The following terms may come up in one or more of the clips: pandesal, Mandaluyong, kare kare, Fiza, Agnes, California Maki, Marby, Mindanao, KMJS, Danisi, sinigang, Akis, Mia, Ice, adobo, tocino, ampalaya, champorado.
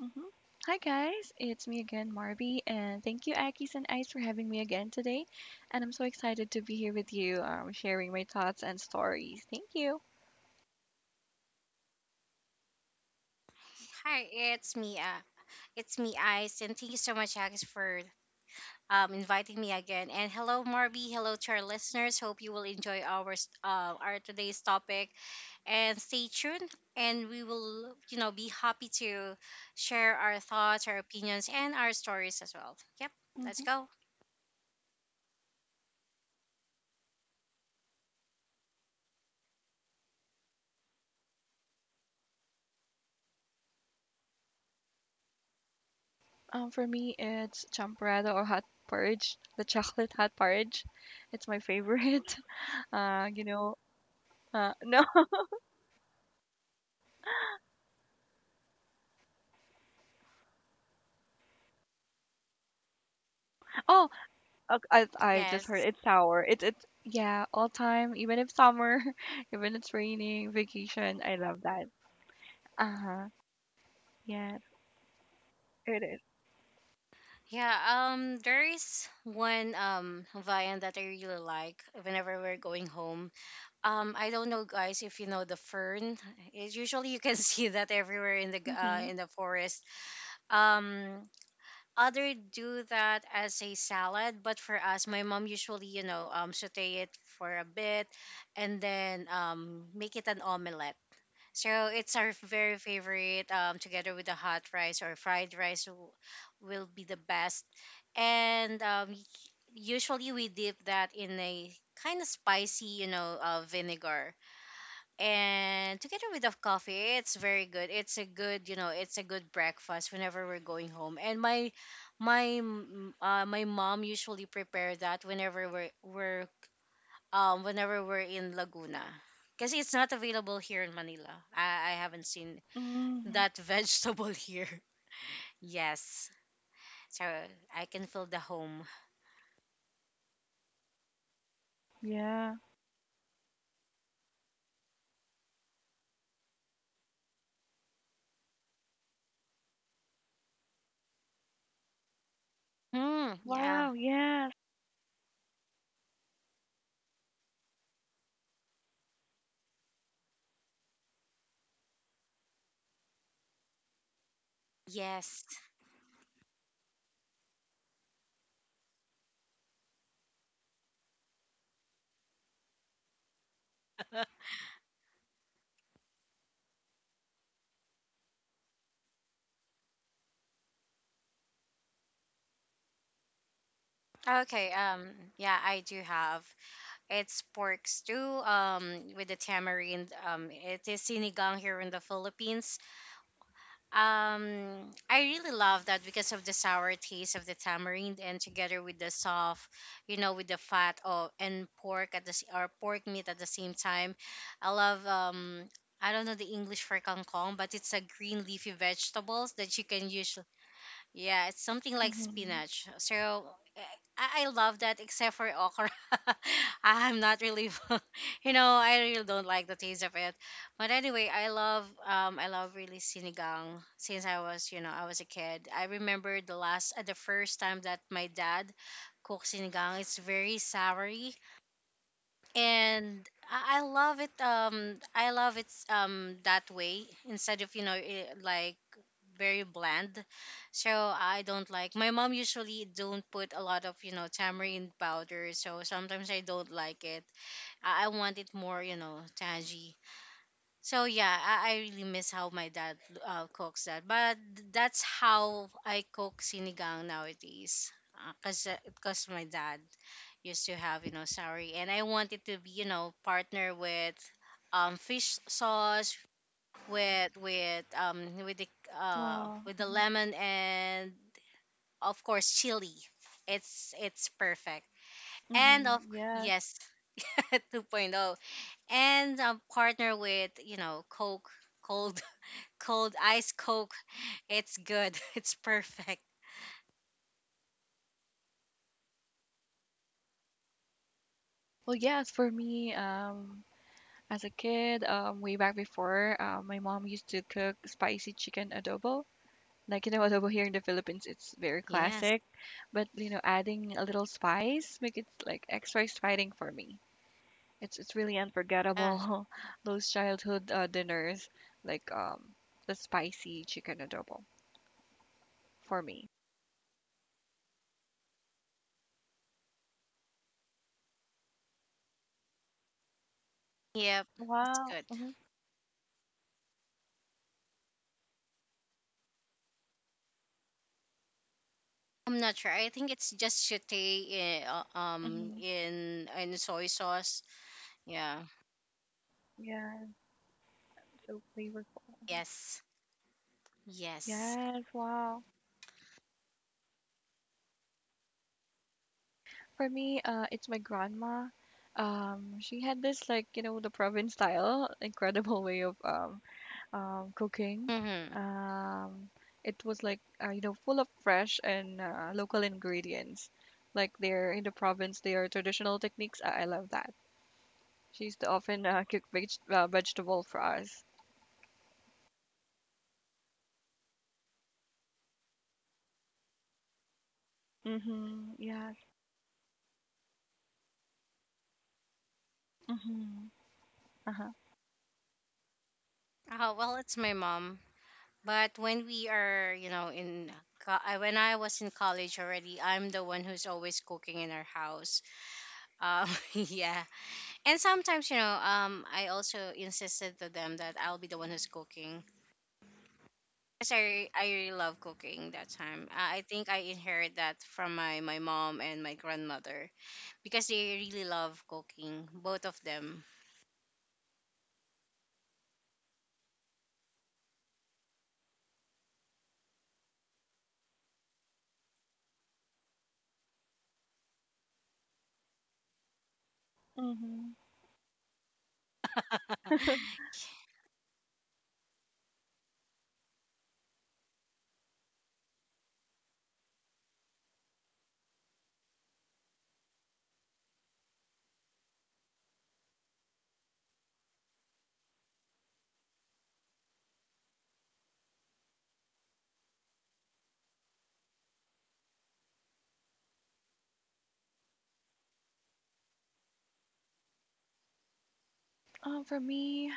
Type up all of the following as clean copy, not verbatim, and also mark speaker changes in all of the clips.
Speaker 1: Mhm. Hi guys, it's me again, Marby, and thank you, Akis and Ice, for having me again today. And I'm so excited to be here with you, sharing my thoughts and stories. Thank you.
Speaker 2: Hi, it's Mia. It's me, Ice, and thank you so much, Agnes, for inviting me again. And hello, Marby. Hello to our listeners. Hope you will enjoy our today's topic. And stay tuned. And we will, you know, be happy to share our thoughts, our opinions, and our stories as well. Yep, let's
Speaker 1: hmm
Speaker 2: go.
Speaker 1: For me, it's champorado or hot porridge, the chocolate hot porridge. It's my favorite. Uh, you know, no, oh, I just heard
Speaker 2: Yes.
Speaker 1: it's sour. It's yeah, all time, even if summer, even it's raining, vacation. I love that. Uh huh. Yeah, it is.
Speaker 2: Yeah, there is one Hawaiian that I really like whenever we're going home. I don't know, guys, if you know the fern. It's usually you can see that everywhere
Speaker 1: Mm-hmm.
Speaker 2: in the forest. Um, Other do that as a salad, but for us, my mom usually you know saute it for a bit, and then make it an omelette. So it's our very favorite. Together with the hot rice or fried rice, will be the best. And usually we dip that in a kind of spicy, you know, vinegar, and together with the coffee, it's very good. It's a good, you know, it's a good breakfast whenever we're going home. And my mom usually prepare that whenever we're whenever we're in Laguna, because it's not available here in Manila. I haven't seen
Speaker 1: Mhm.
Speaker 2: that vegetable here. Yes, so I can feel the home.
Speaker 1: Yeah.
Speaker 2: Hmm. yeah
Speaker 1: Wow, yes.
Speaker 2: yes. Okay. Yeah, I do have. It's pork stew with the tamarind. It is sinigang here in the Philippines. I really love that because of the sour taste of the tamarind, and together with the soft, you know, with the fat of and pork or pork meat at the same time. I love I don't know the English for kangkong, but it's a green leafy vegetables that you can use. Yeah, it's something like
Speaker 1: Mhm.
Speaker 2: spinach. So I love that, except for okra. I'm not really, you know, I really don't like the taste of it. But anyway, I love really sinigang since I was, you know, I was a kid. I remember the first time that my dad cooked sinigang. It's very sour, and I love it. I love it that way, instead of you know like very bland. So I don't like. My mom usually don't put a lot of you know tamarind powder. So sometimes I don't like it. I want it more you know tangy. So yeah, I really miss how my dad cooks that. But that's how I cook sinigang nowadays. Because 'cause my dad used to have, you know, sorry. And I wanted to be, you know, partner with fish sauce with
Speaker 1: Wow.
Speaker 2: with the
Speaker 1: Mhm.
Speaker 2: lemon, and of course chili. It's perfect. And
Speaker 1: Mhm.
Speaker 2: of
Speaker 1: Yes.
Speaker 2: yes, 2.0 and partner with, you know, Coke, cold cold ice Coke. It's good. It's perfect.
Speaker 1: Well, yes, for me, as a kid, way back before, my mom used to cook spicy chicken adobo. Like, you know, adobo here in the Philippines, it's very
Speaker 2: Yes.
Speaker 1: classic, but you know, adding a little spice make it like extra exciting for me. It's really
Speaker 2: Yeah.
Speaker 1: unforgettable, those childhood dinners, like the spicy chicken adobo for me.
Speaker 2: Yep. It's
Speaker 1: Wow.
Speaker 2: good. I'm not sure. I think it's just satay
Speaker 1: Mhm.
Speaker 2: in soy sauce. Yeah.
Speaker 1: Yeah, it's so flavorful.
Speaker 2: Yes. Yes.
Speaker 1: Yes, wow. For me, it's my grandma. She had this like, you know, the province style, incredible way of cooking.
Speaker 2: Mm-hmm.
Speaker 1: Um, it was like, you know, full of fresh and local ingredients. Like they're in the province, they are traditional techniques. I love that. She used to often cook vegetable for us. Mm-hmm. Yes. Mm-hmm. Uh-huh.
Speaker 2: Oh, well, it's my mom. But when we are, you know, when I was in college already, I'm the one who's always cooking in our house. Yeah. And sometimes, you know, I also insisted to them that I'll be the one who's cooking. Because I really love cooking that time. I think I inherit that from my mom and my grandmother, because they really love cooking, both of them.
Speaker 1: Mm-hmm. For me,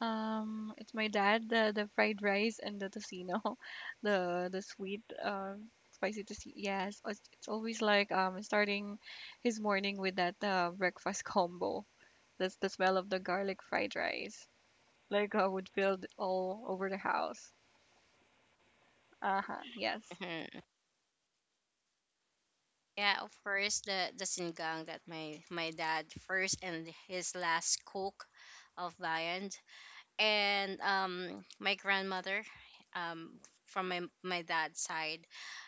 Speaker 1: It's my dad, the fried rice and the tocino, the sweet spicy tocino. Yes, it's always like starting his morning with that breakfast combo. That's the smell of the garlic fried rice. Like I would feel it all over the house. Uh-huh. Yes.
Speaker 2: Yeah, of course, the sinigang that my dad first and his last cook of Bayan, and my grandmother, um from my dad's side,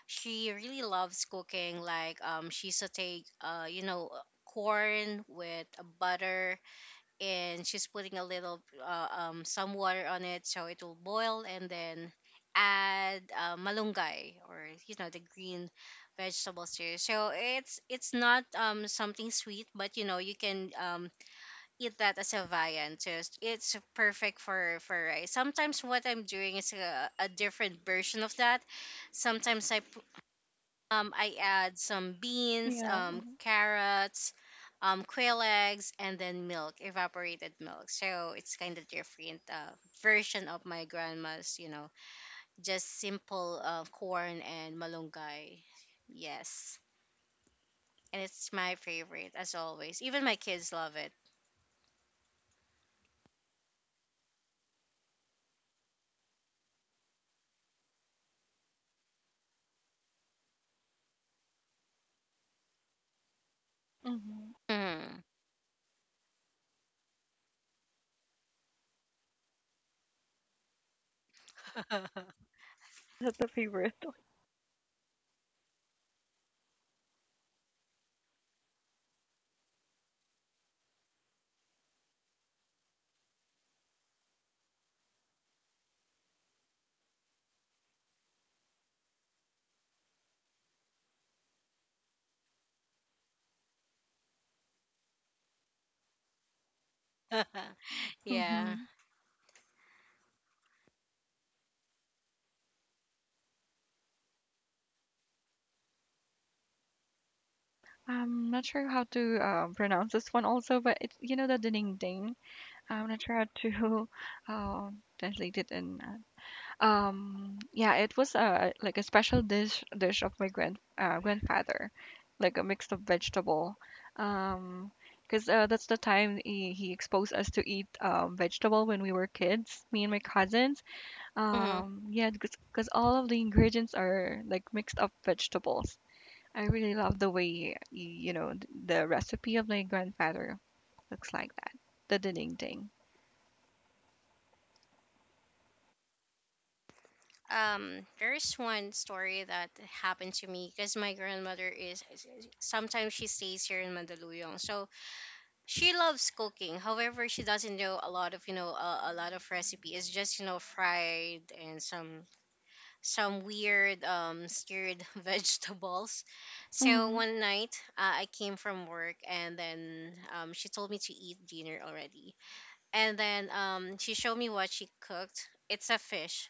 Speaker 2: she really loves cooking. Like she saute you know corn with butter, and she's putting a little some water on it so it will boil, and then add malunggay, or you know the green vegetables here. So it's not something sweet, but you know you can eat that as a viand. Just it's perfect for rice. Sometimes what I'm doing is a different version of that. Sometimes I add some beans,
Speaker 1: Yeah, Mm-hmm.
Speaker 2: carrots, quail eggs, and then milk, evaporated milk. So it's kind of different version of my grandma's, you know, just simple corn and malunggay. Yes, and it's my favorite as always. Even my kids love it.
Speaker 1: Mm-hmm.
Speaker 2: Mhm.
Speaker 1: That's the favorite.
Speaker 2: Yeah.
Speaker 1: Mm-hmm. I'm not sure how to pronounce this one also, but it's you know the dining ding. I'm not sure how to translate it in yeah, it was a like a special dish of my grandfather, like a mix of vegetable. Um, because that's the time he exposed us to eat vegetable when we were kids, me and my cousins.
Speaker 2: Mm-hmm.
Speaker 1: Yeah, because all of the ingredients are like mixed up vegetables. I really love the way you know the recipe of my grandfather looks like that. The ding ding.
Speaker 2: There's one story that happened to me, because my grandmother is sometimes she stays here in Mandaluyong. So she loves cooking, however she doesn't know a lot of you know a lot of recipe. It's just you know fried and some weird stirred vegetables. So
Speaker 1: Mm-hmm.
Speaker 2: one night, I came from work, and then she told me to eat dinner already, and then she showed me what she cooked. It's a fish.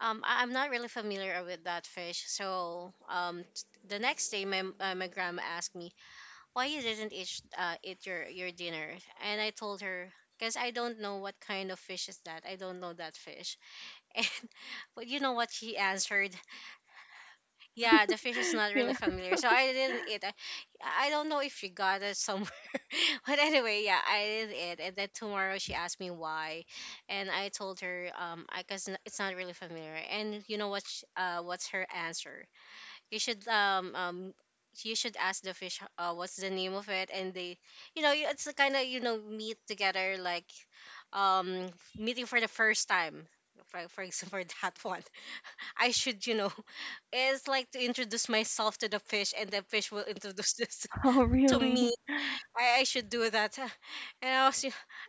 Speaker 2: I'm not really familiar with that fish. So the next day, my my grandma asked me why you didn't eat your dinner, and I told her because I don't know what kind of fish is that. I don't know that fish. And but you know what she answered? Yeah, the fish is not
Speaker 1: Yeah.
Speaker 2: really familiar, so I didn't eat. I don't know if you got it somewhere, but anyway, yeah, I didn't eat. And then tomorrow she asked me why, and I told her it's not really familiar. And you know what? What's her answer? You should you should ask the fish what's the name of it, and they, you know, it's kind of you know meet together like, um, meeting for the first time. For example, that one, I should you know is like to introduce myself to the fish, and the fish will introduce this
Speaker 1: Oh,
Speaker 2: to
Speaker 1: really?
Speaker 2: me. I should do that. And I was,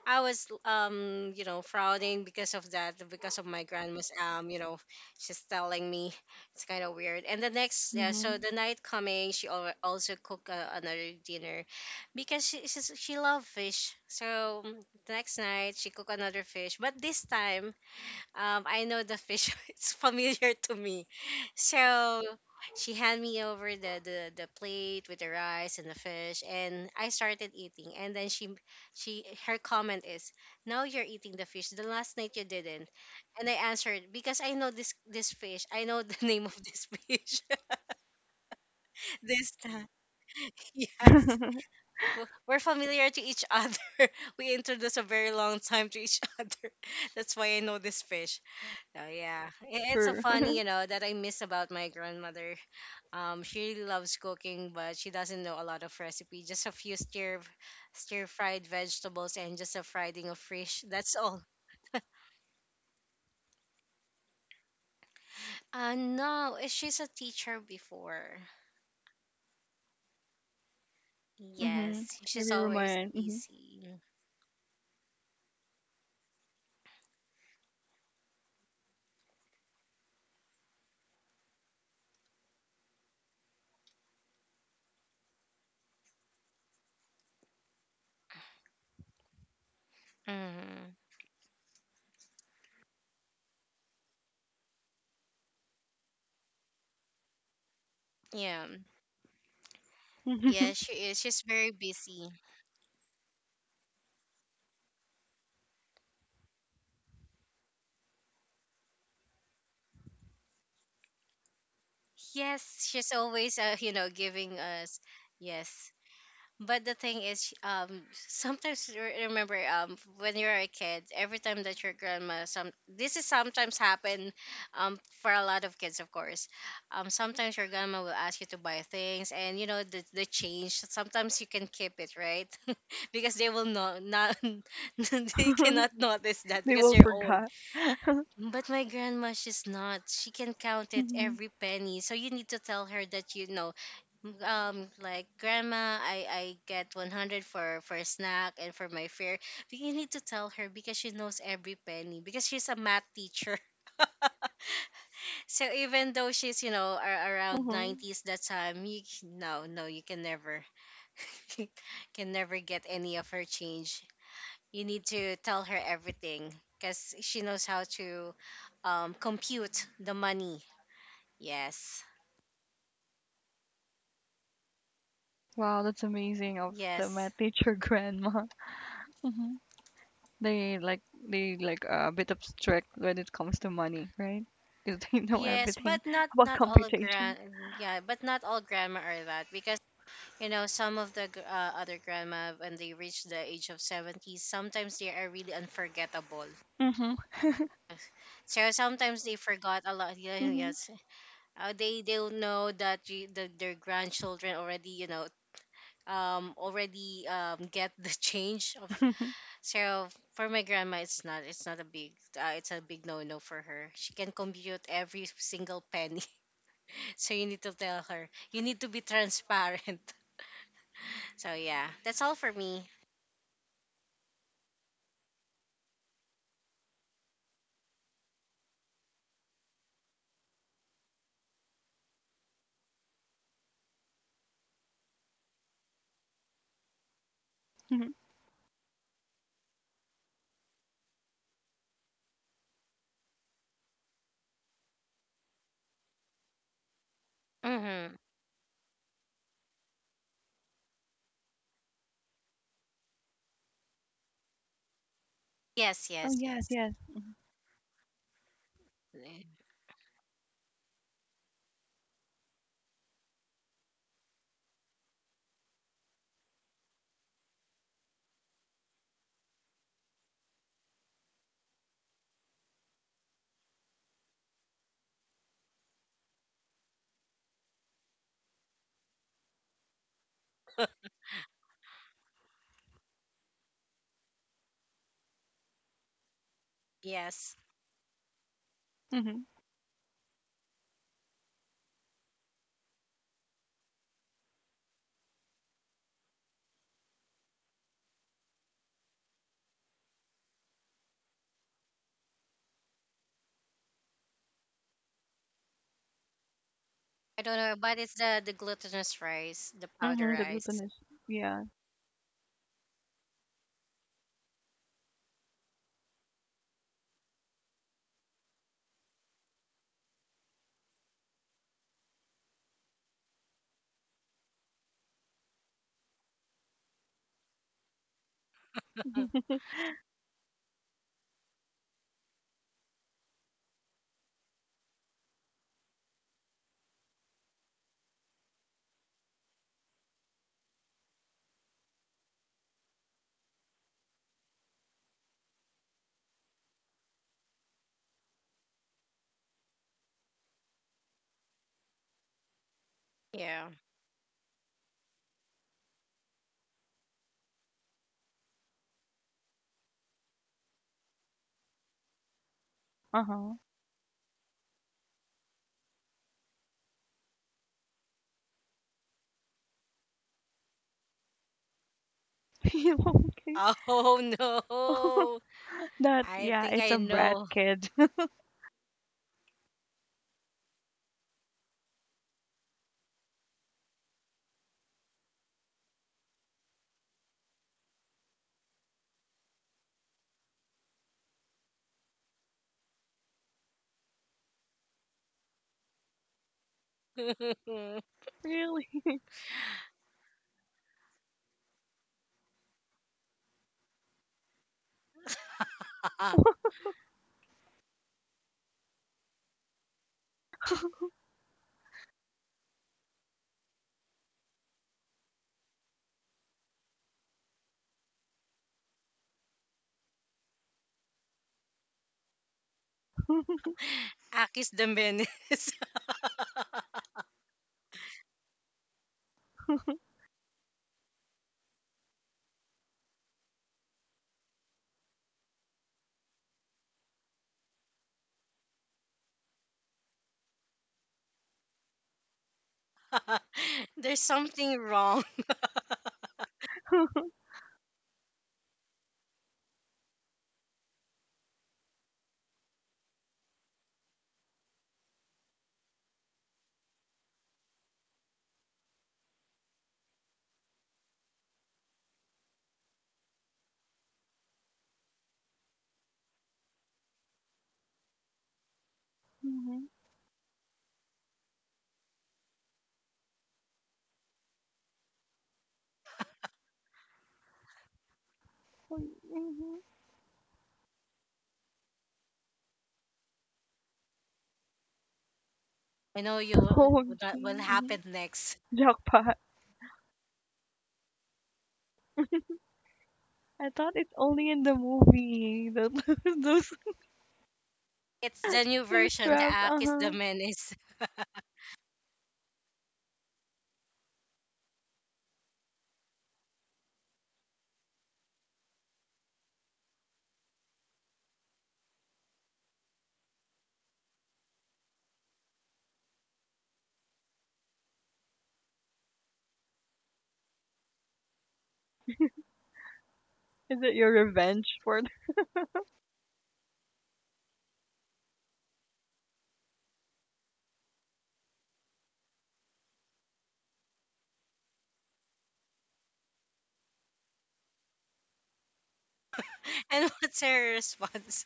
Speaker 2: I was, um, you know, frowning because of that, because of my grandma's, you know, she's telling me it's kind of weird. And the next, yeah,
Speaker 1: Mm-hmm.
Speaker 2: so the night coming, she also cooked another dinner because she loved fish. So mm, the next night she cooked another fish, but this time I know the fish is familiar to me. So she handed me over the plate with the rice and the fish, and I started eating, and then she her comment is, now you're eating the fish. The last night you didn't, and I answered because I know this fish. I know the name of this fish this time. Yes. We're familiar to each other. We introduced a very long time to each other. That's why I know this fish. So it's a
Speaker 1: True.
Speaker 2: funny, you know, that I miss about my grandmother. She really loves cooking, but she doesn't know a lot of recipe. Just a few stir fried vegetables and just a frying of fish. That's all. No, eh, she's a teacher before.
Speaker 1: Mhm.
Speaker 2: Yes, she's always
Speaker 1: Everyone.
Speaker 2: busy. Hmm. Yeah, yeah,
Speaker 1: Mhm.
Speaker 2: she is. She's very busy. Yes, she's always, you know, giving us. Yes. But the thing is, sometimes remember, when you're a kid, every time that your grandma, some this is sometimes happen, for a lot of kids, of course. Sometimes your grandma will ask you to buy things, and you know the change. Sometimes you can keep it, right? Because they will not they cannot notice that
Speaker 1: They
Speaker 2: because
Speaker 1: will
Speaker 2: you're old.
Speaker 1: forget.
Speaker 2: But my grandma, she's not. She can count it
Speaker 1: Mhm.
Speaker 2: every penny. So you need to tell her that you know like grandma I get 100 for a snack and for my fare. But you need to tell her, because she knows every penny, because she's a math teacher. So even though she's you know around
Speaker 1: Uh-huh.
Speaker 2: 90s that time, you no, you can never can never get any of her change. You need to tell her everything, because she knows how to compute the money. Yes.
Speaker 1: Wow, that's amazing of the
Speaker 2: Yes.
Speaker 1: math teacher grandma. Mhm. They like they like a bit of strict when it comes to money, right? Because they know
Speaker 2: Yes,
Speaker 1: everything
Speaker 2: but
Speaker 1: about
Speaker 2: not all of
Speaker 1: computation.
Speaker 2: grand, yeah, but not all grandma are that, because you know some of other grandma when they reach the age of 70, sometimes they are really unforgettable.
Speaker 1: Mhm.
Speaker 2: So sometimes they forgot a lot. Yeah,
Speaker 1: Mhm.
Speaker 2: yes, they'll know that you, the, their grandchildren already you know already get the change of. So for my grandma, it's not, it's not a big it's a big no no for her. She can compute every single penny. So you need to tell her. You need to be transparent. So yeah, that's all for me.
Speaker 1: Mhm.
Speaker 2: Mm-hmm. Yes,
Speaker 1: Oh
Speaker 2: yes,
Speaker 1: yes,
Speaker 2: yes.
Speaker 1: yes. Mhm.
Speaker 2: Eh, Yes.
Speaker 1: Mhm.
Speaker 2: I don't know, but it's the glutinous rice, the powder
Speaker 1: Mhm. The
Speaker 2: rice.
Speaker 1: glutinous. Yeah.
Speaker 2: Uh, Yeah.
Speaker 1: Uh huh. Okay.
Speaker 2: Oh no.
Speaker 1: That
Speaker 2: I
Speaker 1: yeah,
Speaker 2: think
Speaker 1: it's
Speaker 2: I
Speaker 1: a brat
Speaker 2: know.
Speaker 1: kid. Really.
Speaker 2: Aki's the menace. There's something wrong.
Speaker 1: Mhm. So, mhm.
Speaker 2: I know you will
Speaker 1: OMG.
Speaker 2: not- will
Speaker 1: Mhm.
Speaker 2: happen next.
Speaker 1: Jackpot. I thought it's only in the movie. Those those,
Speaker 2: It's the new
Speaker 1: those
Speaker 2: version, the
Speaker 1: traps. Uh
Speaker 2: Aki's
Speaker 1: huh.
Speaker 2: the menace.
Speaker 1: Is it your revenge for?
Speaker 2: And what's her response?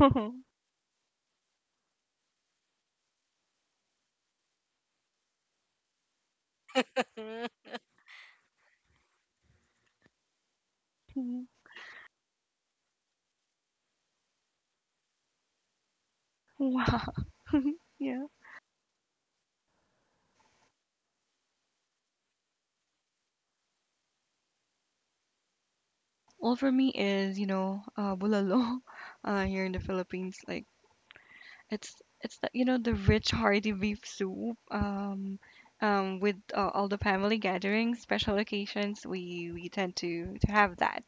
Speaker 1: Mhm. Wow. Yeah. Well, for me is bulalo here in the Philippines. Like It's it's the, you know the rich hearty beef soup with all the family gatherings, special occasions we tend to have that.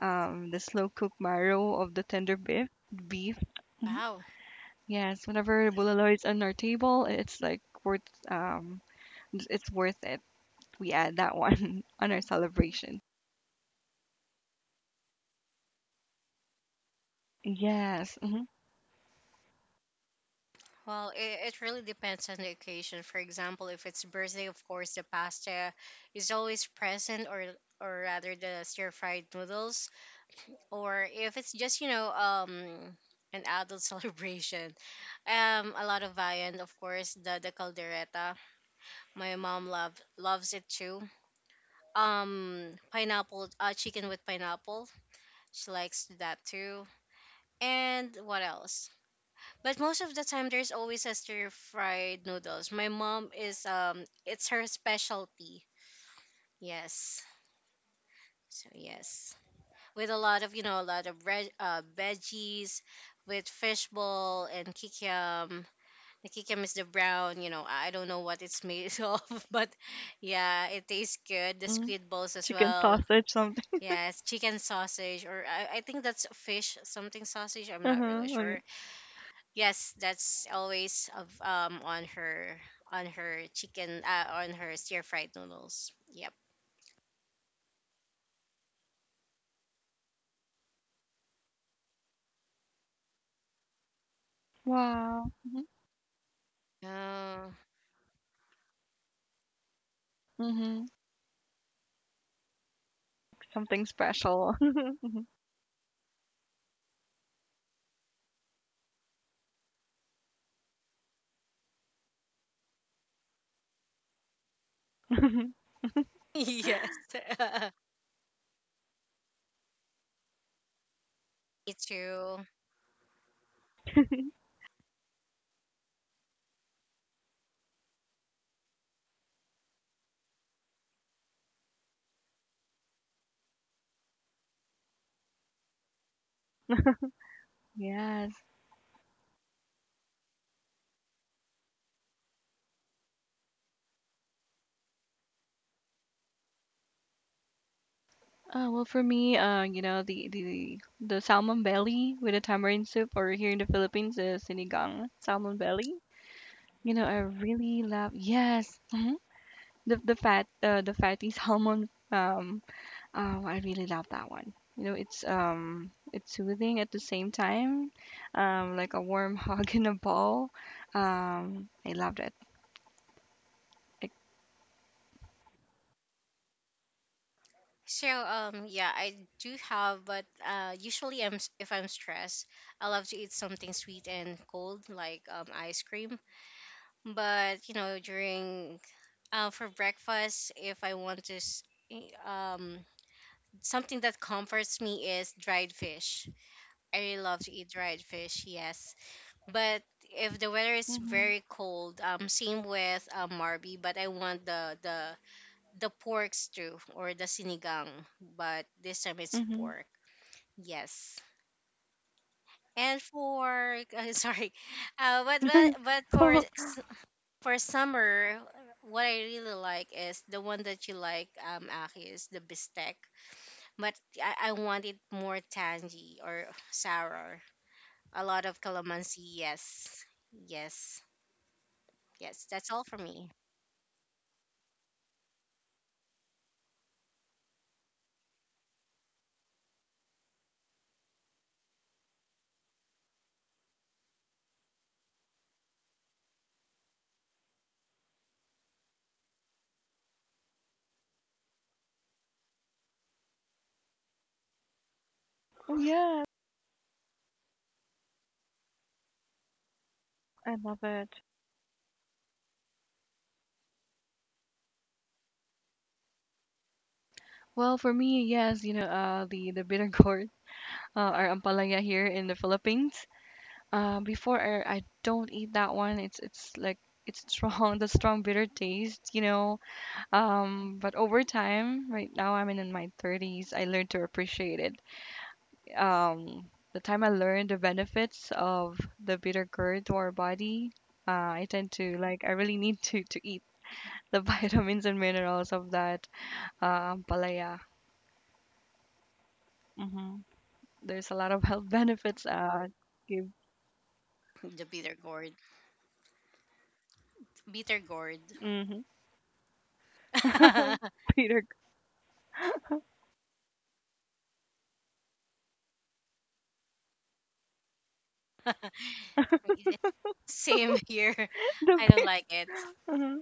Speaker 1: The slow cooked marrow of the tender beef. Mhm.
Speaker 2: Wow.
Speaker 1: Yes, whenever bulalo is on our table, it's like worth um it's worth it. We add that one on our celebration. Yes.
Speaker 2: Well, it really depends on the occasion. For example, if it's birthday, of course, the pasta is always present, or rather, the stir fried noodles. Or if it's just an adult celebration, a lot of viand, of course, the caldereta. My mom loves it too. Pineapple, chicken with pineapple. She likes that too. And what else? But most of the time, there's always a stir fried noodles. My mom is it's her specialty. Yes, so yes, with a lot of a lot of red veggies, with fishball and kikiam. The kikiam is the brown. You know, I don't know what it's made of, but yeah, it tastes good. The
Speaker 1: Hmm
Speaker 2: squid balls as
Speaker 1: Chicken
Speaker 2: well.
Speaker 1: sausage something.
Speaker 2: Yes, chicken sausage, or I think that's fish something sausage. I'm not really
Speaker 1: Uh-huh. Okay.
Speaker 2: sure. Yes, that's always of on her chicken on her stir fried noodles. Yep.
Speaker 1: Wow.
Speaker 2: Oh,
Speaker 1: Hmm Something special.
Speaker 2: yes. Me too.
Speaker 1: Yes. Well, for me, you know, the salmon belly with a tamarind soup, or here in the Philippines, is sinigang salmon belly. You know, I really love. Yes. Mhm. The fat the fatty salmon. Oh, I really love that one. You know, it's soothing at the same time, like a warm hug in a ball. I loved it. Like,
Speaker 2: So yeah, I do have, but usually if I'm stressed, I love to eat something sweet and cold like ice cream. But you know during for breakfast, if I want to i- um something that comforts me is dried fish. I really love to eat dried fish, yes. But if the weather is
Speaker 1: mm-hmm,
Speaker 2: very cold, same with marby, but I want the pork stew or the sinigang, but this time it's
Speaker 1: mm-hmm.
Speaker 2: pork. Yes. And for sorry, but but but for
Speaker 1: Oh
Speaker 2: s- for summer, what I really like is the one that you like, Aki, is the bistec. But I want it more tangy or sour. A lot of calamansi, yes. Yes. Yes, that's all for me.
Speaker 1: yeah, I love it. Well, for me, yes, you know, the bitter gourd, or ampalaya here in the Philippines. Before I don't eat that one. It's like it's strong, the strong bitter taste, you know. But over time, right now I'm in my 30s, I learned to appreciate it. Um, the time I learned the benefits of the bitter gourd to our body, uh, I tend to like I really need to eat the vitamins and minerals of that ampalaya. Mm-hmm. There's a lot of health benefits. Give.
Speaker 2: The bitter gourd. Bitter gourd.
Speaker 1: hmm Peter,
Speaker 2: Same here.
Speaker 1: the
Speaker 2: I don't
Speaker 1: bear.
Speaker 2: like it.
Speaker 1: hmm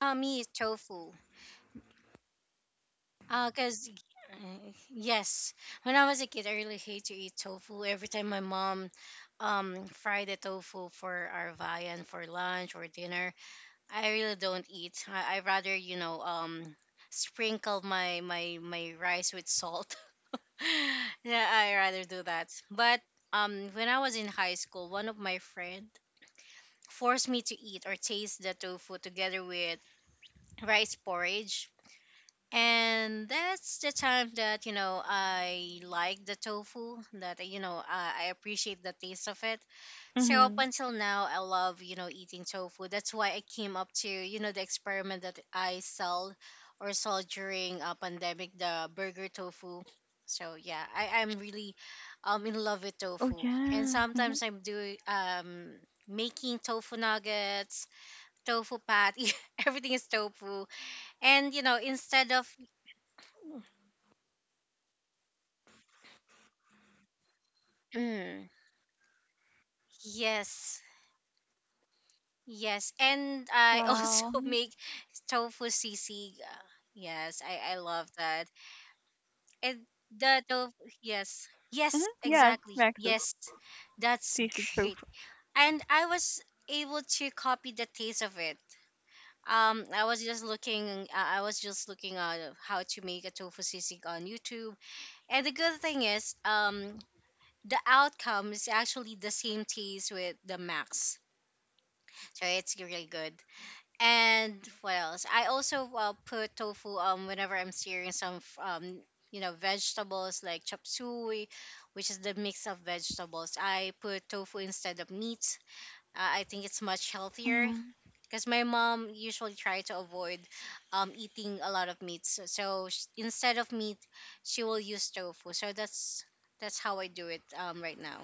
Speaker 2: Me, tofu. Cause yes, when I was a kid, I really hate to eat tofu. Every time my mom fried the tofu for our viand for lunch or dinner, I really don't eat. I rather sprinkle my rice with salt yeah, I rather do that. But when I was in high school, one of my friend forced me to eat or taste the tofu together with rice porridge. And that's the time that you know I like the tofu. That you know I appreciate the taste of it. So up
Speaker 1: hmm
Speaker 2: until now, I love you know eating tofu. That's why I came up to you know the experiment that I sell or sold during a pandemic, the burger tofu. So yeah, I'm really in love with
Speaker 1: Oh
Speaker 2: tofu, and
Speaker 1: yeah.
Speaker 2: sometimes I'm doing making tofu nuggets, tofu patty. Everything is tofu, and you know instead of Mm, yes. Yes, and I also
Speaker 1: Wow.
Speaker 2: make tofu sisig. Yes, I love that. And the tofu, yes, yes,
Speaker 1: Yes,
Speaker 2: exactly.
Speaker 1: Max's
Speaker 2: Yes, that's
Speaker 1: tasting
Speaker 2: great.
Speaker 1: tofu.
Speaker 2: And I was able to copy the taste of it. I was just looking at how to make a tofu sisig on YouTube. And the good thing is, the outcome is actually the same taste with the max. So it's really good. And what else? I also put tofu whenever I'm searing some you know vegetables like chop suey, which is the mix of vegetables. I put tofu instead of meat. I think it's much healthier
Speaker 1: hmm
Speaker 2: because my mom usually try to avoid eating a lot of meat. So, instead of meat, she will use tofu. So that's how I do it right now.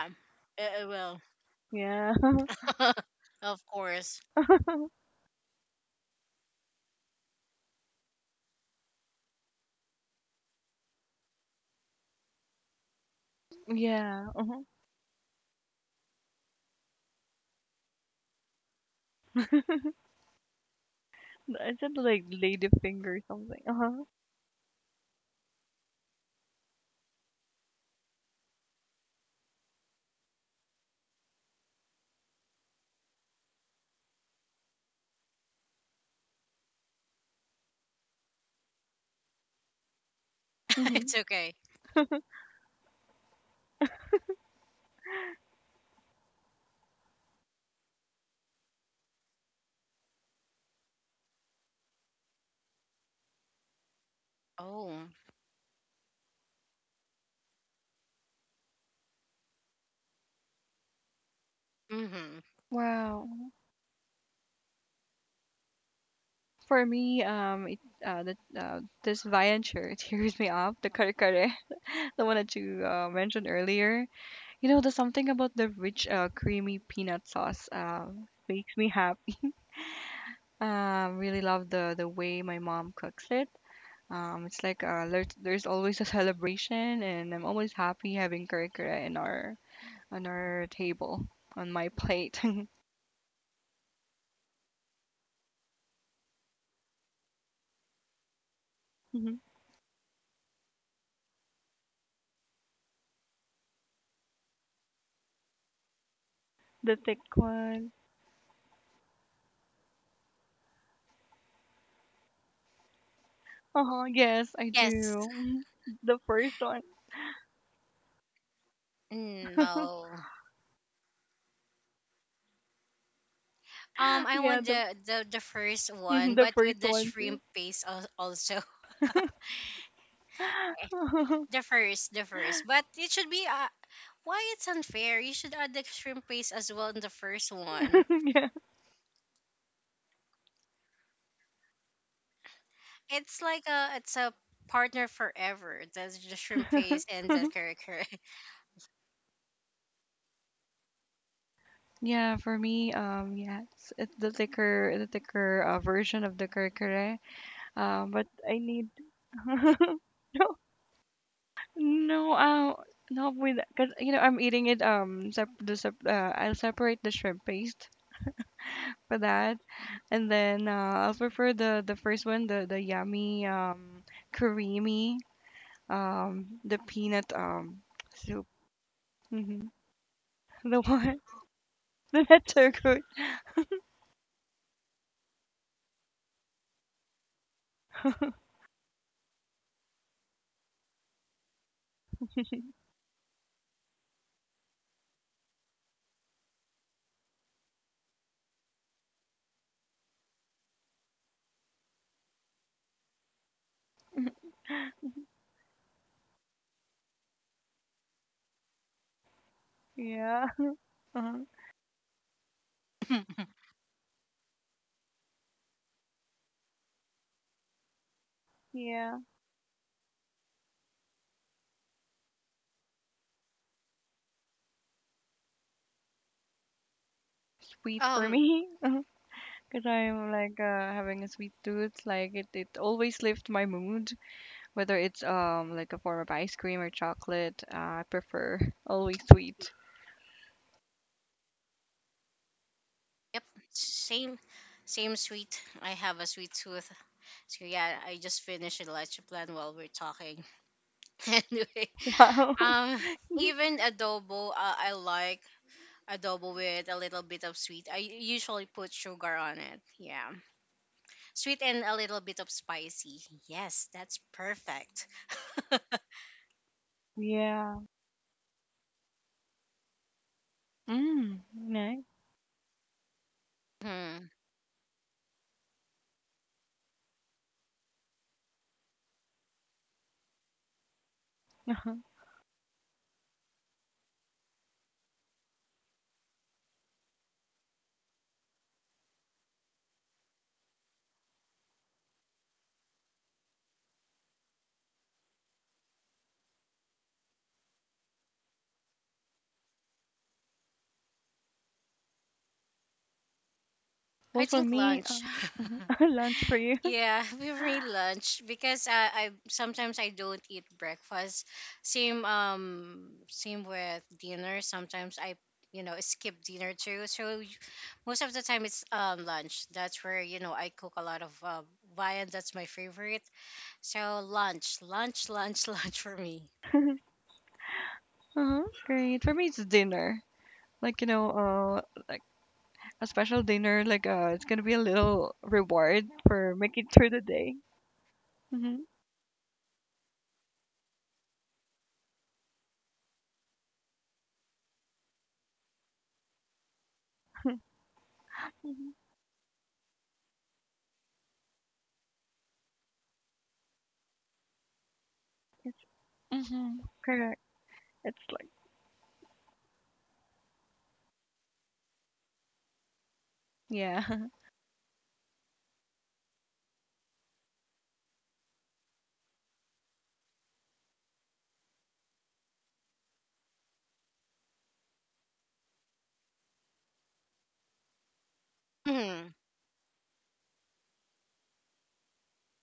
Speaker 2: Um, well,
Speaker 1: Yeah.
Speaker 2: of course,
Speaker 1: Yeah. I said like ladyfinger or something. Uh-huh. hmm
Speaker 2: it's okay. Oh. Mm-hmm.
Speaker 1: Wow. For me, it, that this Vian shirt tears me up. The kare kare, the one that you mentioned earlier. You know, there's something about the rich, creamy peanut sauce makes me happy. Really love the way my mom cooks it. It's like there's always a celebration, and I'm always happy having curry in our on our table on my plate. Mhm. The thick one. Oh, yes, I
Speaker 2: Yes.
Speaker 1: do. Mhm. The first one.
Speaker 2: Mm, no. I
Speaker 1: Yeah,
Speaker 2: want
Speaker 1: the
Speaker 2: the first one,
Speaker 1: the
Speaker 2: but
Speaker 1: first
Speaker 2: with the
Speaker 1: one
Speaker 2: shrimp
Speaker 1: too.
Speaker 2: paste also. The first, the first. But it should be why it's unfair. You should add the shrimp paste as well in the first one.
Speaker 1: Yeah.
Speaker 2: It's like a it's a partner forever. That's the shrimp paste and the curry.
Speaker 1: Yeah, for me, yeah, it's the thicker version of the kare. But I need no, no, uh, no, with because you know I'm eating it. Sep the sep I'll separate the shrimp paste for that, and then I'll prefer the first one, the yummy, creamy, the peanut soup. hmm The one, the not so good. Yeah. uh Yeah. Sweet for
Speaker 2: Um,
Speaker 1: me because I'm like having a sweet tooth. Like it always lifts my mood, whether it's like a form of ice cream or chocolate. I prefer always sweet.
Speaker 2: yep. Same same sweet. I have a sweet tooth. So yeah, I just finished a lunch plan while we're talking. anyway,
Speaker 1: Wow.
Speaker 2: um, even adobo, I like adobo with a little bit of sweet. I usually put sugar on it. Yeah, sweet and a little bit of spicy. Yes, that's perfect.
Speaker 1: Yeah. Mm, nice.
Speaker 2: Hmm.
Speaker 1: Uh-huh.
Speaker 2: I
Speaker 1: Well, for
Speaker 2: think
Speaker 1: me,
Speaker 2: lunch.
Speaker 1: lunch for you.
Speaker 2: Yeah, we me lunch because I sometimes I don't eat breakfast. Same same with dinner. Sometimes I you know skip dinner too. So most of the time it's lunch. That's where you know I cook a lot of viand. That's my favorite. So lunch for me.
Speaker 1: Uh-huh. Great. For me, it's dinner. Like, you know, like a special dinner. Like, it's gonna be a little reward for making it through the day. Mm-hmm. Mm-hmm. Yes. Mm-hmm. Correct. It's Yeah.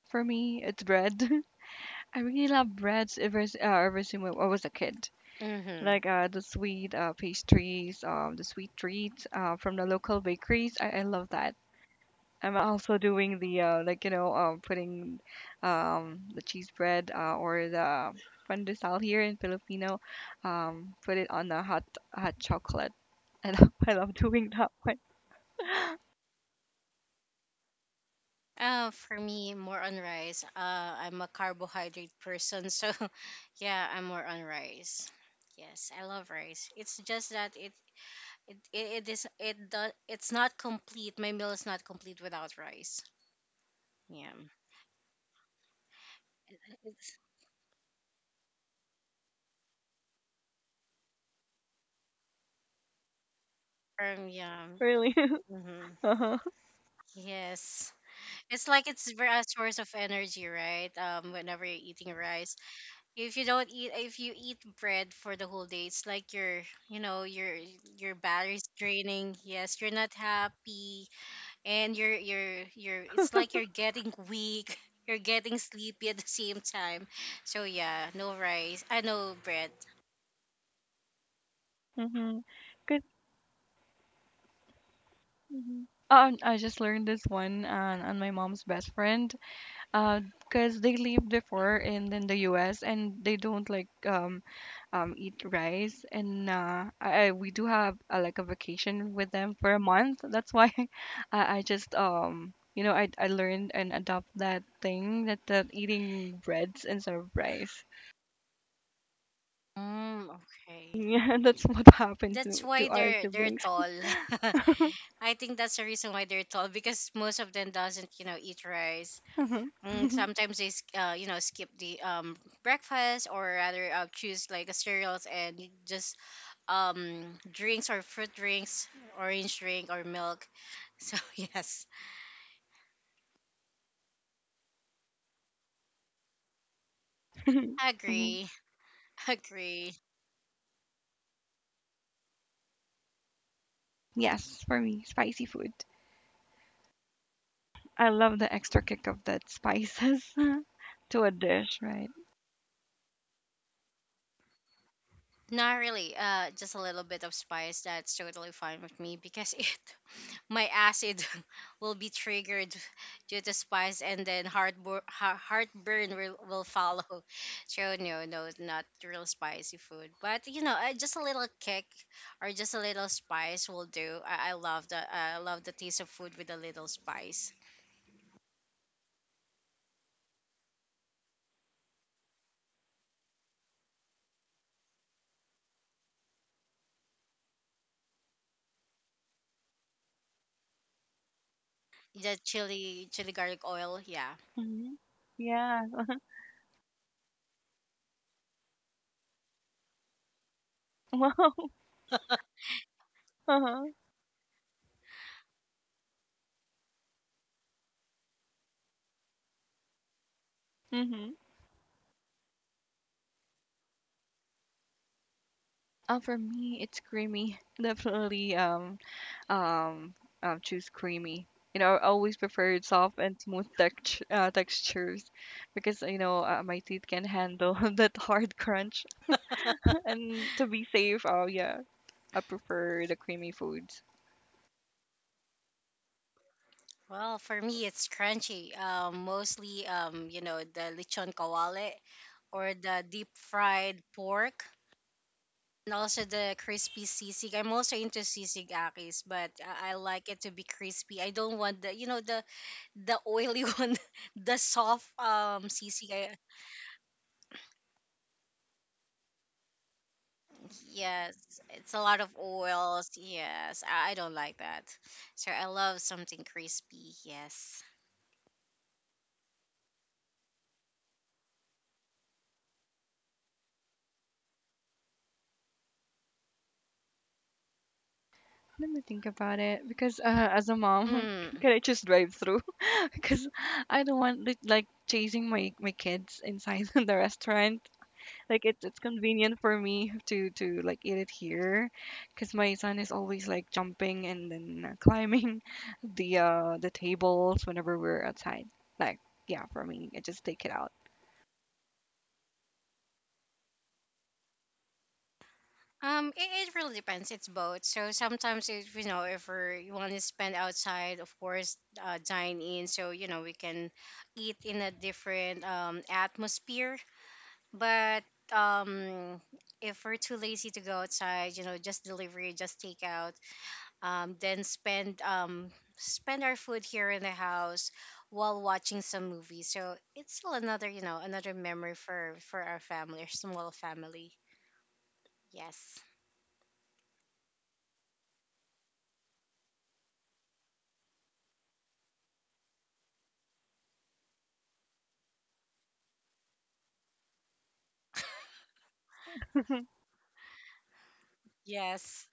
Speaker 1: For me, it's bread. I really love breads ever since I was a kid.
Speaker 2: Mm-hmm.
Speaker 1: Like the sweet pastries, the sweet treats from the local bakeries. I love that. I'm also doing the like you know putting the cheese bread or the pandesal here in Filipino. Put it on the hot chocolate. I love I love doing that one.
Speaker 2: For me, more on rice. I'm a carbohydrate person, so yeah, I'm more on rice. Yes, I love rice. It's just that it is it does it's not complete. My meal is not complete without rice. Yeah. It's yeah.
Speaker 1: Really.
Speaker 2: Mm-hmm.
Speaker 1: Uh-huh.
Speaker 2: Yes. It's like a source of energy, right? Whenever you're eating rice, if you don't eat, if you eat bread for the whole day, it's like you know, your battery's draining. Yes, you're not happy, and you're. It's like you're getting weak. You're getting sleepy at the same time. So yeah, no rice. I no bread.
Speaker 1: Mm-hmm. Mhm. I just learned this one on my mom's best friend, because they lived before in the U.S. and they don't like eat rice, and we do have like a vacation with them for a month. That's why I just you know, I learned and adopt that thing that eating breads instead of rice.
Speaker 2: Mm, okay.
Speaker 1: Yeah, that's what happened
Speaker 2: That's
Speaker 1: to
Speaker 2: why
Speaker 1: our
Speaker 2: they're
Speaker 1: siblings.
Speaker 2: tall. I think that's the reason why they're tall because most of them doesn't, you know, eat rice.
Speaker 1: Mhm.
Speaker 2: Mm, sometimes you know, skip the breakfast or rather choose like a cereals and just um, drinks or fruit drinks, orange drink or milk. So yes,
Speaker 1: Mhm.
Speaker 2: agree, agree.
Speaker 1: Yes, for me, spicy food. I love the extra kick of that spices to a dish, right?
Speaker 2: Not really. Just a little bit of spice. That's totally fine with me because it my acid will be triggered due to spice and then heartburn will follow so no no not real spicy food but you know just a little kick or just a little spice will do I love the taste of food with a little spice the chili garlic oil yeah
Speaker 1: hmm Yeah. Wow. Uh-huh. hmm for me, it's creamy. Definitely. Um. Choose creamy. You know, I always prefer soft and smooth textures because you know my teeth can handle that hard crunch. And to be safe, oh yeah, I prefer the creamy foods.
Speaker 2: well for me it's crunchy mostly you know the lechon kawale or the deep fried pork. And also the crispy sisig. I'm also into sisig akis, but I like it to be crispy. I don't want the you know the oily one, the soft sisig. I, yes, it's a lot of oils. Yes, I don't like that. So I love something crispy. Yes.
Speaker 1: Let me think about it because as a mom,
Speaker 2: Mm.
Speaker 1: can I just drive through? Because I don't want it, like chasing my kids inside the restaurant. Like it's convenient for me to like eat it here, because my son is always like jumping and then climbing the tables whenever we're outside. Like yeah, for me, I just take it out.
Speaker 2: It really depends. It's both. So sometimes, if you know, if we're, you want to spend outside, of course, dine in. So you know, we can eat in a different atmosphere. But um, if we're too lazy to go outside, you know, just delivery, just takeout, then spend spend our food here in the house while watching some movie. So it's still another, you know, another memory for our family, our small family. Yes, yes.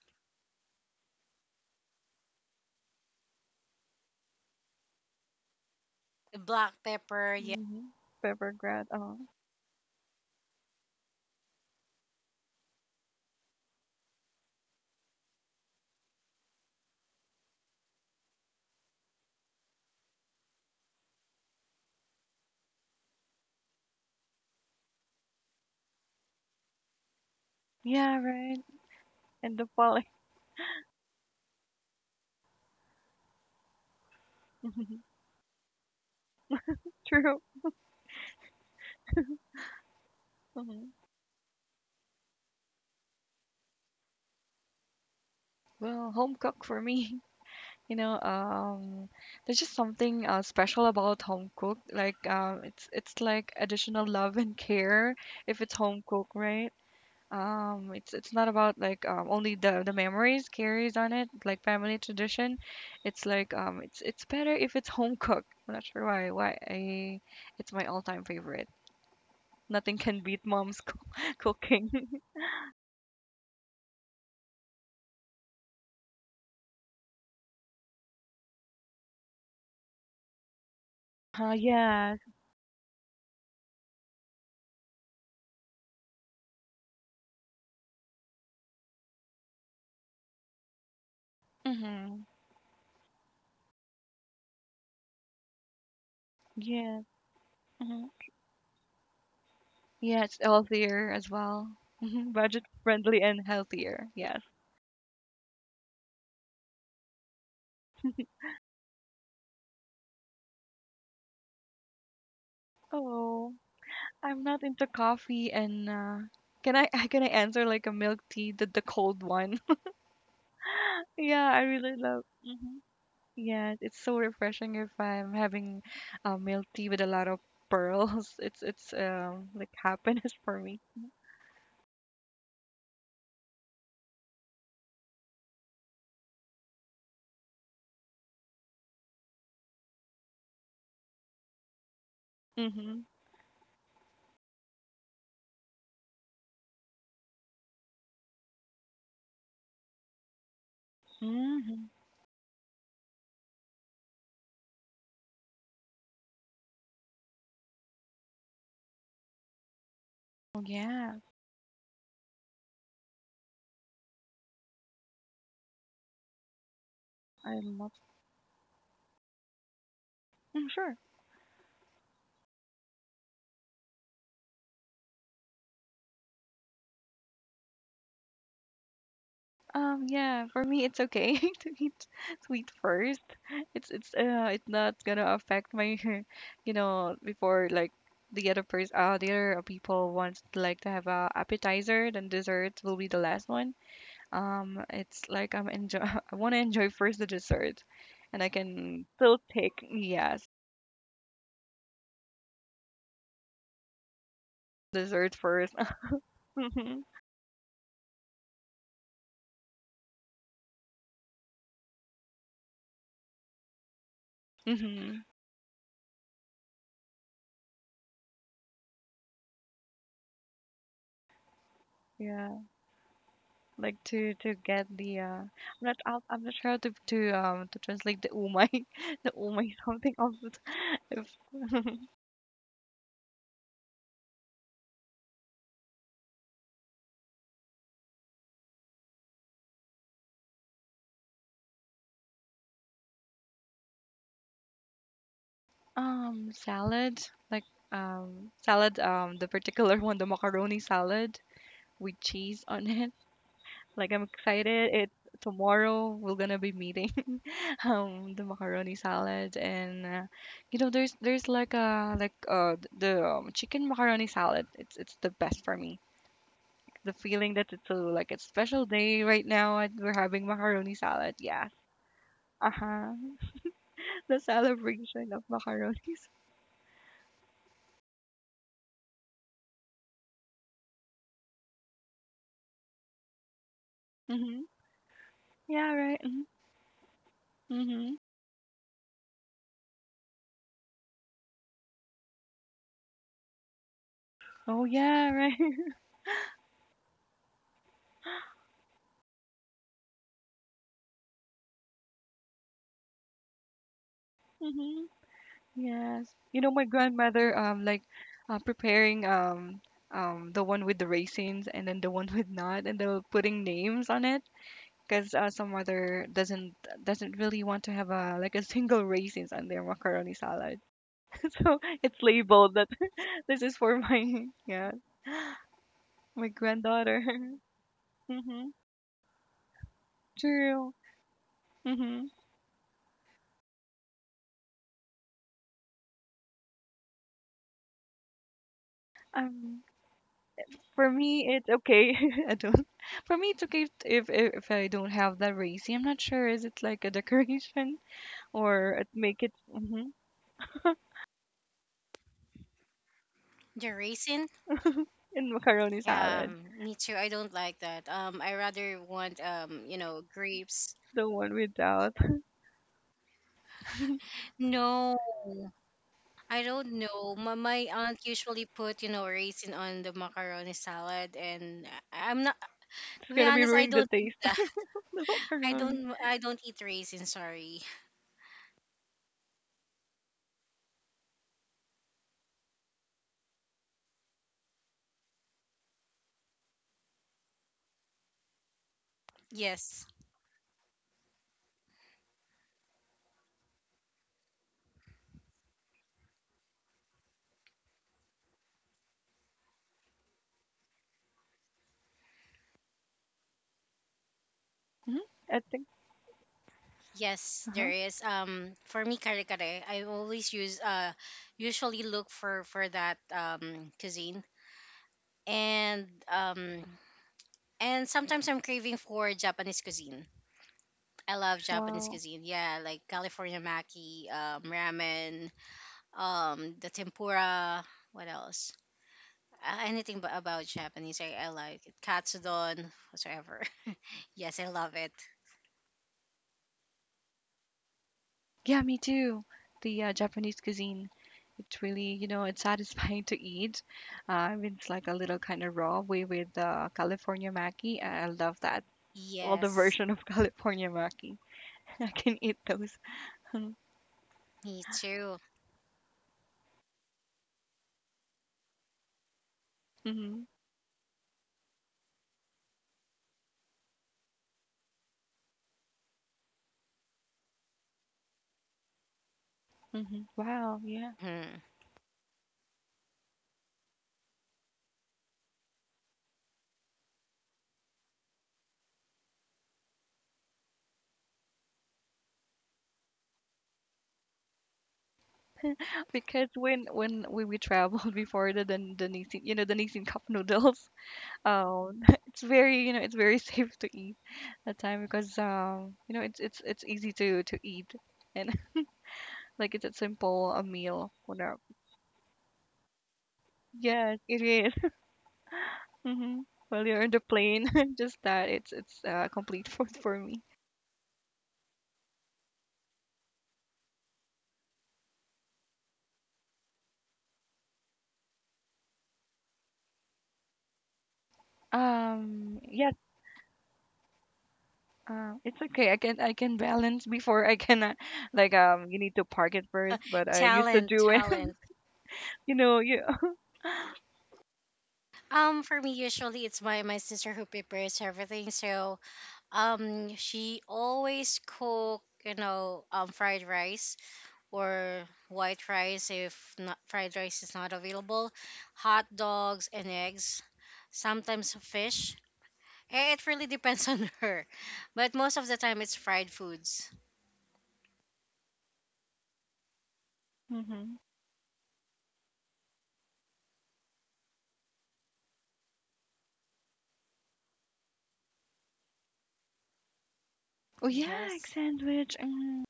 Speaker 2: The black pepper, yeah.
Speaker 1: hmm Pepper grad. Oh yeah, right. And the pollen. True. Mhm. Well, home cook for me. You know, there's just something special about home cooked. Like, it's like additional love and care if it's home cooked, right? It's not about like only the memories carries on it, like family tradition. It's like it's better if it's home cooked. I'm not sure why I it's my all-time favorite. Nothing can beat mom's cooking. Yes. Mm-hmm. Yes. Yeah, it's healthier as well. Budget friendly and healthier. Yes. Oh, I'm not into coffee and can I can I answer like a milk tea, the cold one? Yeah, I really love. Hmm Yes, it's so refreshing if I'm having milk tea with a lot of pearls. It's like happiness for me. Mm-hmm. Mm-hmm. Oh yeah, I love. Mm, sure. Yeah, for me it's okay to eat sweet first. It's not gonna affect my before, like, the other person the other people wants like to have a appetizer then dessert will be the last one. It's like I'm enjoy I want to enjoy first the dessert, and I can still take yes dessert 1st Mm-hmm. Yeah. Like to get the I'm not I'll, I'm not sure how to to translate the umai the umai something of it. if Salad, like, salad, the particular one, the macaroni salad with cheese on it. Like, I'm excited, it tomorrow we're gonna be meeting the macaroni salad and there's like th- the chicken macaroni salad. It's the best for me, the feeling that it's a, like a special day right now and we're having macaroni salad. Yeah. Uh-huh. The celebration of macaronis. Mm-hmm. Yeah, right. Mm-hmm. Oh, yeah, right. Mm-hmm. Yes. You know, my grandmother, like, preparing, the one with the raisins and then the one with not, and they're putting names on it because some mother doesn't really want to have a, like, a single raisins on their macaroni salad. So it's labeled that this is for my yeah my granddaughter. hmm True. Hmm Um, for me, it's okay. I don't. For me, it's okay if, if I don't have that racy. I'm not sure. Is it like a decoration or it make it mhm,
Speaker 2: The raisin,
Speaker 1: in macaroni
Speaker 2: yeah.
Speaker 1: salad?
Speaker 2: Me too. I don't like that. I rather want you know, grapes.
Speaker 1: The one without. It's
Speaker 2: No. I don't know. My aunt usually put, you know, raisin on the macaroni salad, and I'm not. To be
Speaker 1: gonna be
Speaker 2: honest, I
Speaker 1: ruining the
Speaker 2: don't eat
Speaker 1: taste of
Speaker 2: that.
Speaker 1: the
Speaker 2: I
Speaker 1: macaroni.
Speaker 2: don't. I don't eat raisin. Sorry. Yes.
Speaker 1: Hmm I think.
Speaker 2: Yes,
Speaker 1: Uh
Speaker 2: there
Speaker 1: huh.
Speaker 2: is. For me, kare kare. I always use. Usually look for that cuisine, and um, and sometimes I'm craving for Japanese cuisine. I love Japanese
Speaker 1: Wow.
Speaker 2: cuisine. Yeah, like California maki, ramen. The tempura what else anything but about japanese I like it katsudon whatsoever yes I love it
Speaker 1: Yeah, me too. The Japanese cuisine, it's really, you know, it's satisfying to eat. It's like a little kind of raw way with California Maki. I love that. All the
Speaker 2: yes
Speaker 1: version of California Maki. I can eat those.
Speaker 2: me too.
Speaker 1: Mm-hmm. Mm-hmm. Wow, yeah.
Speaker 2: Hmm.
Speaker 1: Because when we traveled before the Danisi, you know, Danisi cup noodles, um, it's very, you know, it's very safe to eat that time because you know, it's easy to eat. And like it's a simple a meal, whatever. Yes, it is. Mm-hmm. While you're on the plane, just that it's complete food for me. Yes, it's okay. I can balance before I cannot. Like, you need to park it first, but I used to
Speaker 2: talent
Speaker 1: do it.
Speaker 2: talent
Speaker 1: You know, you.
Speaker 2: for me usually it's my sister who prepares everything so she always cook you know fried rice or white rice if not fried rice is not available hot dogs and eggs sometimes fish. It really depends on her, but most of the time it's fried foods.
Speaker 1: Hmm Oh yeah, egg
Speaker 2: Yes.
Speaker 1: sandwich. Mm,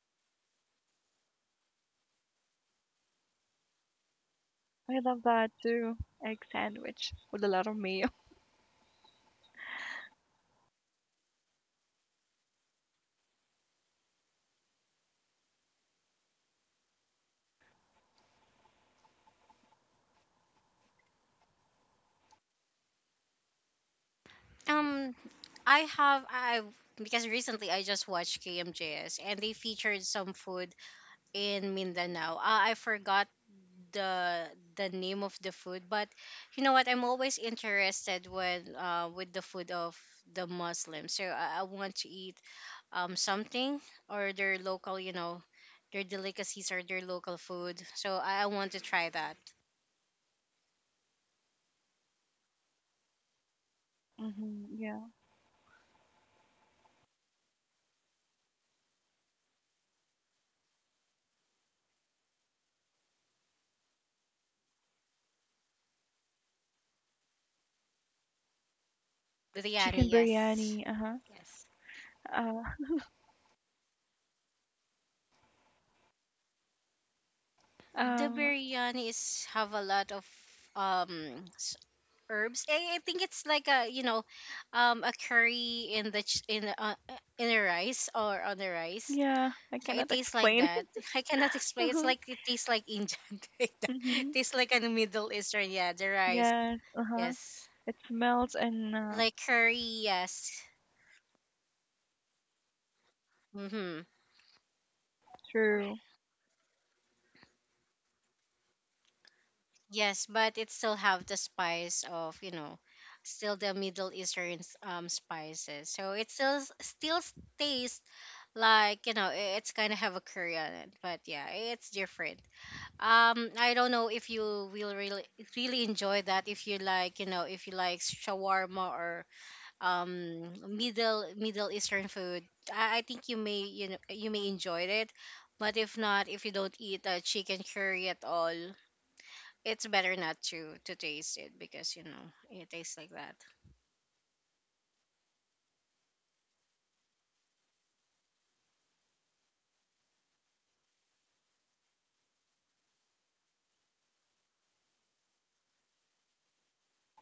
Speaker 1: I love that too. Egg sandwich with a lot of mayo.
Speaker 2: Um, I have I because recently I just watched KMJS and they featured some food in Mindanao. I forgot the name of the food, but you know what? I'm always interested when with the food of the Muslims, so I want to eat something or their local, their delicacies or their local food. So I want to try that.
Speaker 1: Hmm Yeah,
Speaker 2: Biryani,
Speaker 1: chicken
Speaker 2: yes.
Speaker 1: biryani. Uh-huh.
Speaker 2: Yes.
Speaker 1: Uh
Speaker 2: The
Speaker 1: Um.
Speaker 2: biryani is have a lot of um s- herbs. I think it's like a curry in the ch- in the rice or on the rice.
Speaker 1: Yeah, I
Speaker 2: So it
Speaker 1: cannot
Speaker 2: tastes like
Speaker 1: explain
Speaker 2: that.
Speaker 1: it.
Speaker 2: I cannot explain. It's
Speaker 1: Uh-huh.
Speaker 2: like it tastes like Indian. Like that.
Speaker 1: Mm-hmm.
Speaker 2: Tastes like a Middle Eastern, yeah, the rice.
Speaker 1: Yes. Uh-huh.
Speaker 2: Yes.
Speaker 1: It smells and
Speaker 2: Like curry, yes. Mhm.
Speaker 1: true.
Speaker 2: Yes, but it still have the spice of, still the Middle Eastern spices. So it tastes like it's kind of have a curry on it, but yeah, it's different. I don't know if you will really enjoy that if you like, if you like shawarma or Middle Eastern food. I think you may, you may enjoy it, but if not, if you don't eat chicken curry at all, it's better not to taste it because it tastes like that.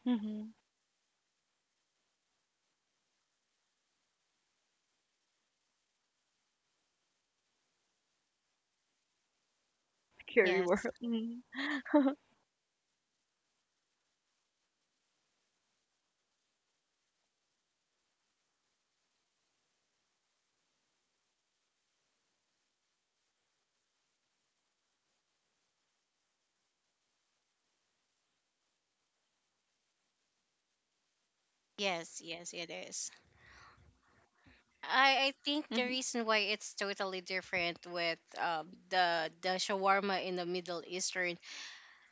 Speaker 1: Mm-hmm. Scary world.
Speaker 2: Yes,
Speaker 1: Mm-hmm.
Speaker 2: yes, yes, it is. I think the reason why it's totally different with the shawarma in the Middle Eastern,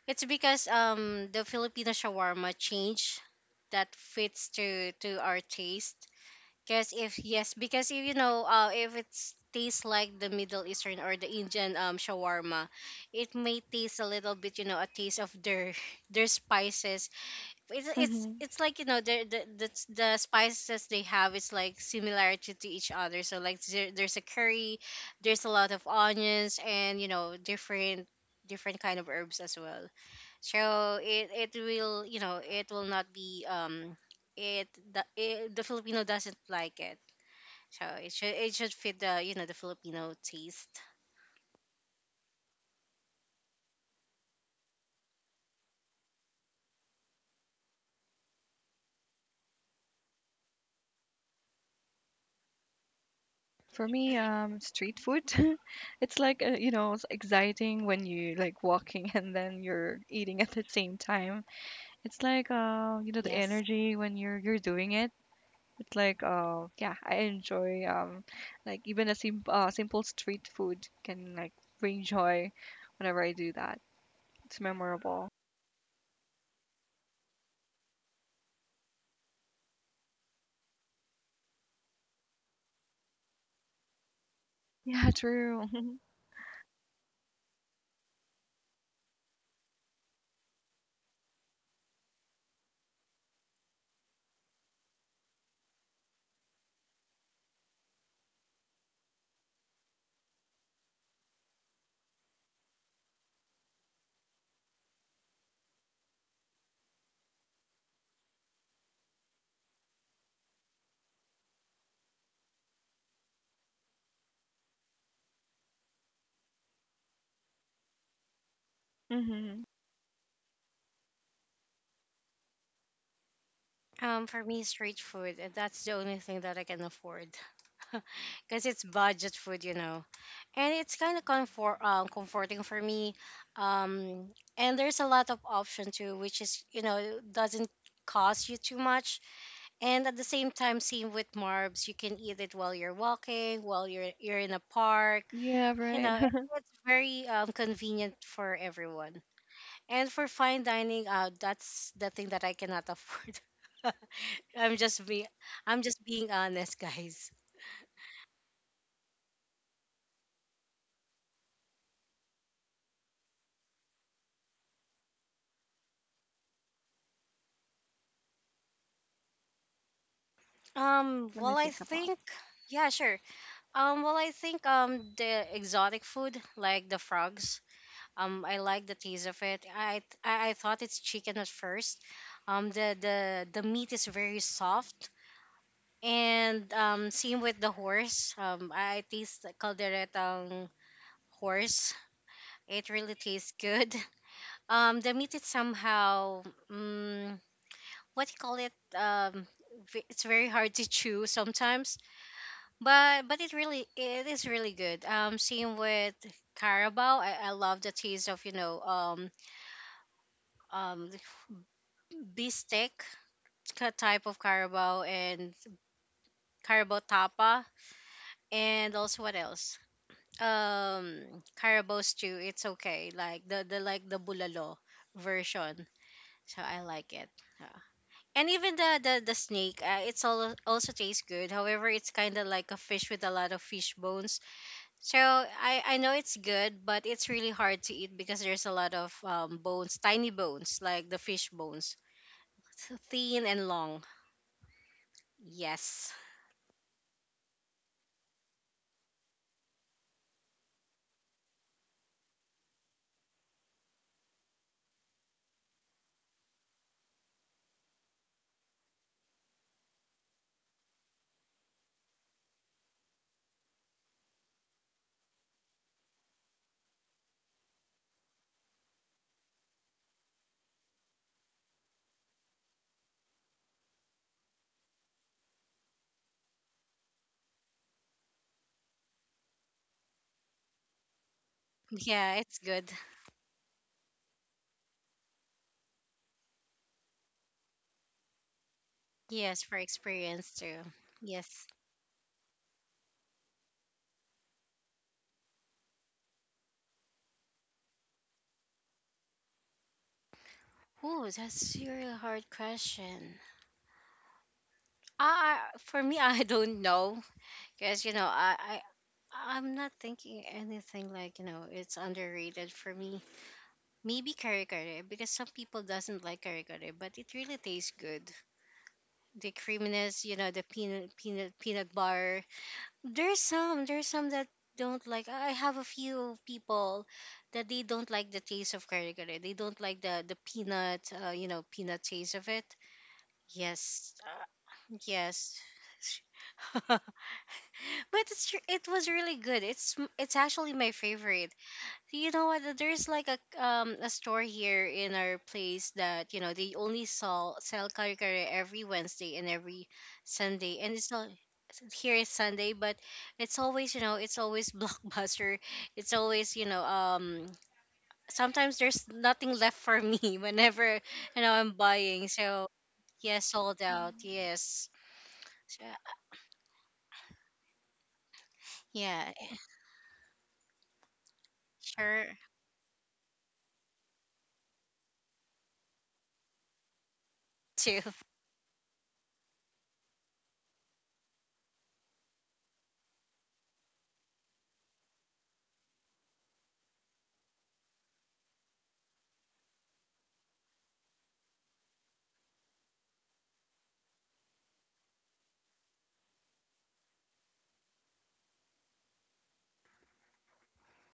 Speaker 2: it's because the Filipino shawarma change that fits to our taste. Because if yes, because if, if it's tastes like the Middle Eastern or the Indian shawarma, it may taste a little bit, a taste of their their spices. it's it's
Speaker 1: Mm-hmm.
Speaker 2: it's like, the spices they have is like similarity to each other. So like there's a curry, there's a lot of onions and, different kind of herbs as well. So it will, it will not be it the Filipino doesn't like it. So it should fit the, the Filipino taste.
Speaker 1: For me, street food, it's like you know, it's exciting when you like walking and then you're eating at the same time. It's like you know, the
Speaker 2: Yes.
Speaker 1: energy when you're doing it. It's like yeah, I enjoy like even a simple street food can like bring joy whenever I do that. It's memorable. Yeah, true. Mhm.
Speaker 2: For me, street food, that's the only thing that I can afford because it's budget food, and it's kind of comforting for me. um and there's a lot of option too which is, doesn't cost you too much. And at the same time, same with marbs, you can eat it while you're walking, while you're in a park.
Speaker 1: Yeah,
Speaker 2: you
Speaker 1: right.
Speaker 2: know it's very convenient for everyone. And for fine dining, that's the thing that I cannot afford. i'm just being I'm just being honest, guys.
Speaker 1: Let me
Speaker 2: Well, I
Speaker 1: think about
Speaker 2: think, yeah, sure. Well, I think the exotic food, like the frogs. I like the taste of it. I thought it's chicken at first. The meat is very soft, and same with the horse. I taste the calderetang horse. It really tastes good. The meat is somehow, um, what do you call it? Um, it's very hard to chew sometimes. But it really it is really good. Same with carabao. I love the taste of, um beefsteak type of carabao and carabao tapa. And also, what else, um carabao stew. It's okay, like the like the bulalo version. So I like it, yeah. And even the snake, it's all also tastes good. However, it's kind of like a fish with a lot of fish bones. So I know it's good, but it's really hard to eat because there's a lot of bones, tiny bones, like the fish bones. So, thin and long. Yes. Yeah, it's good. Yes, for experience too. Yes. Oh, that's a really hard question. For me, I don't know because I'm not thinking anything like, it's underrated for me. Maybe kare kare because some people doesn't like kare kare, but it really tastes good. The creaminess, the peanut butter. There's some that don't like. I have a few people that they don't like the taste of kare kare. They don't like the peanut taste of it. Yes, yes. But it was really good. It's actually my favorite. So, you know what? There's like a store here in our place that, they only sell kare kare every Wednesday and every Sunday, and it's not here is Sunday, but it's always, it's always blockbuster. It's always, sometimes there's nothing left for me whenever, I'm buying. So yeah, sold out. Yes, so, yeah, sure too.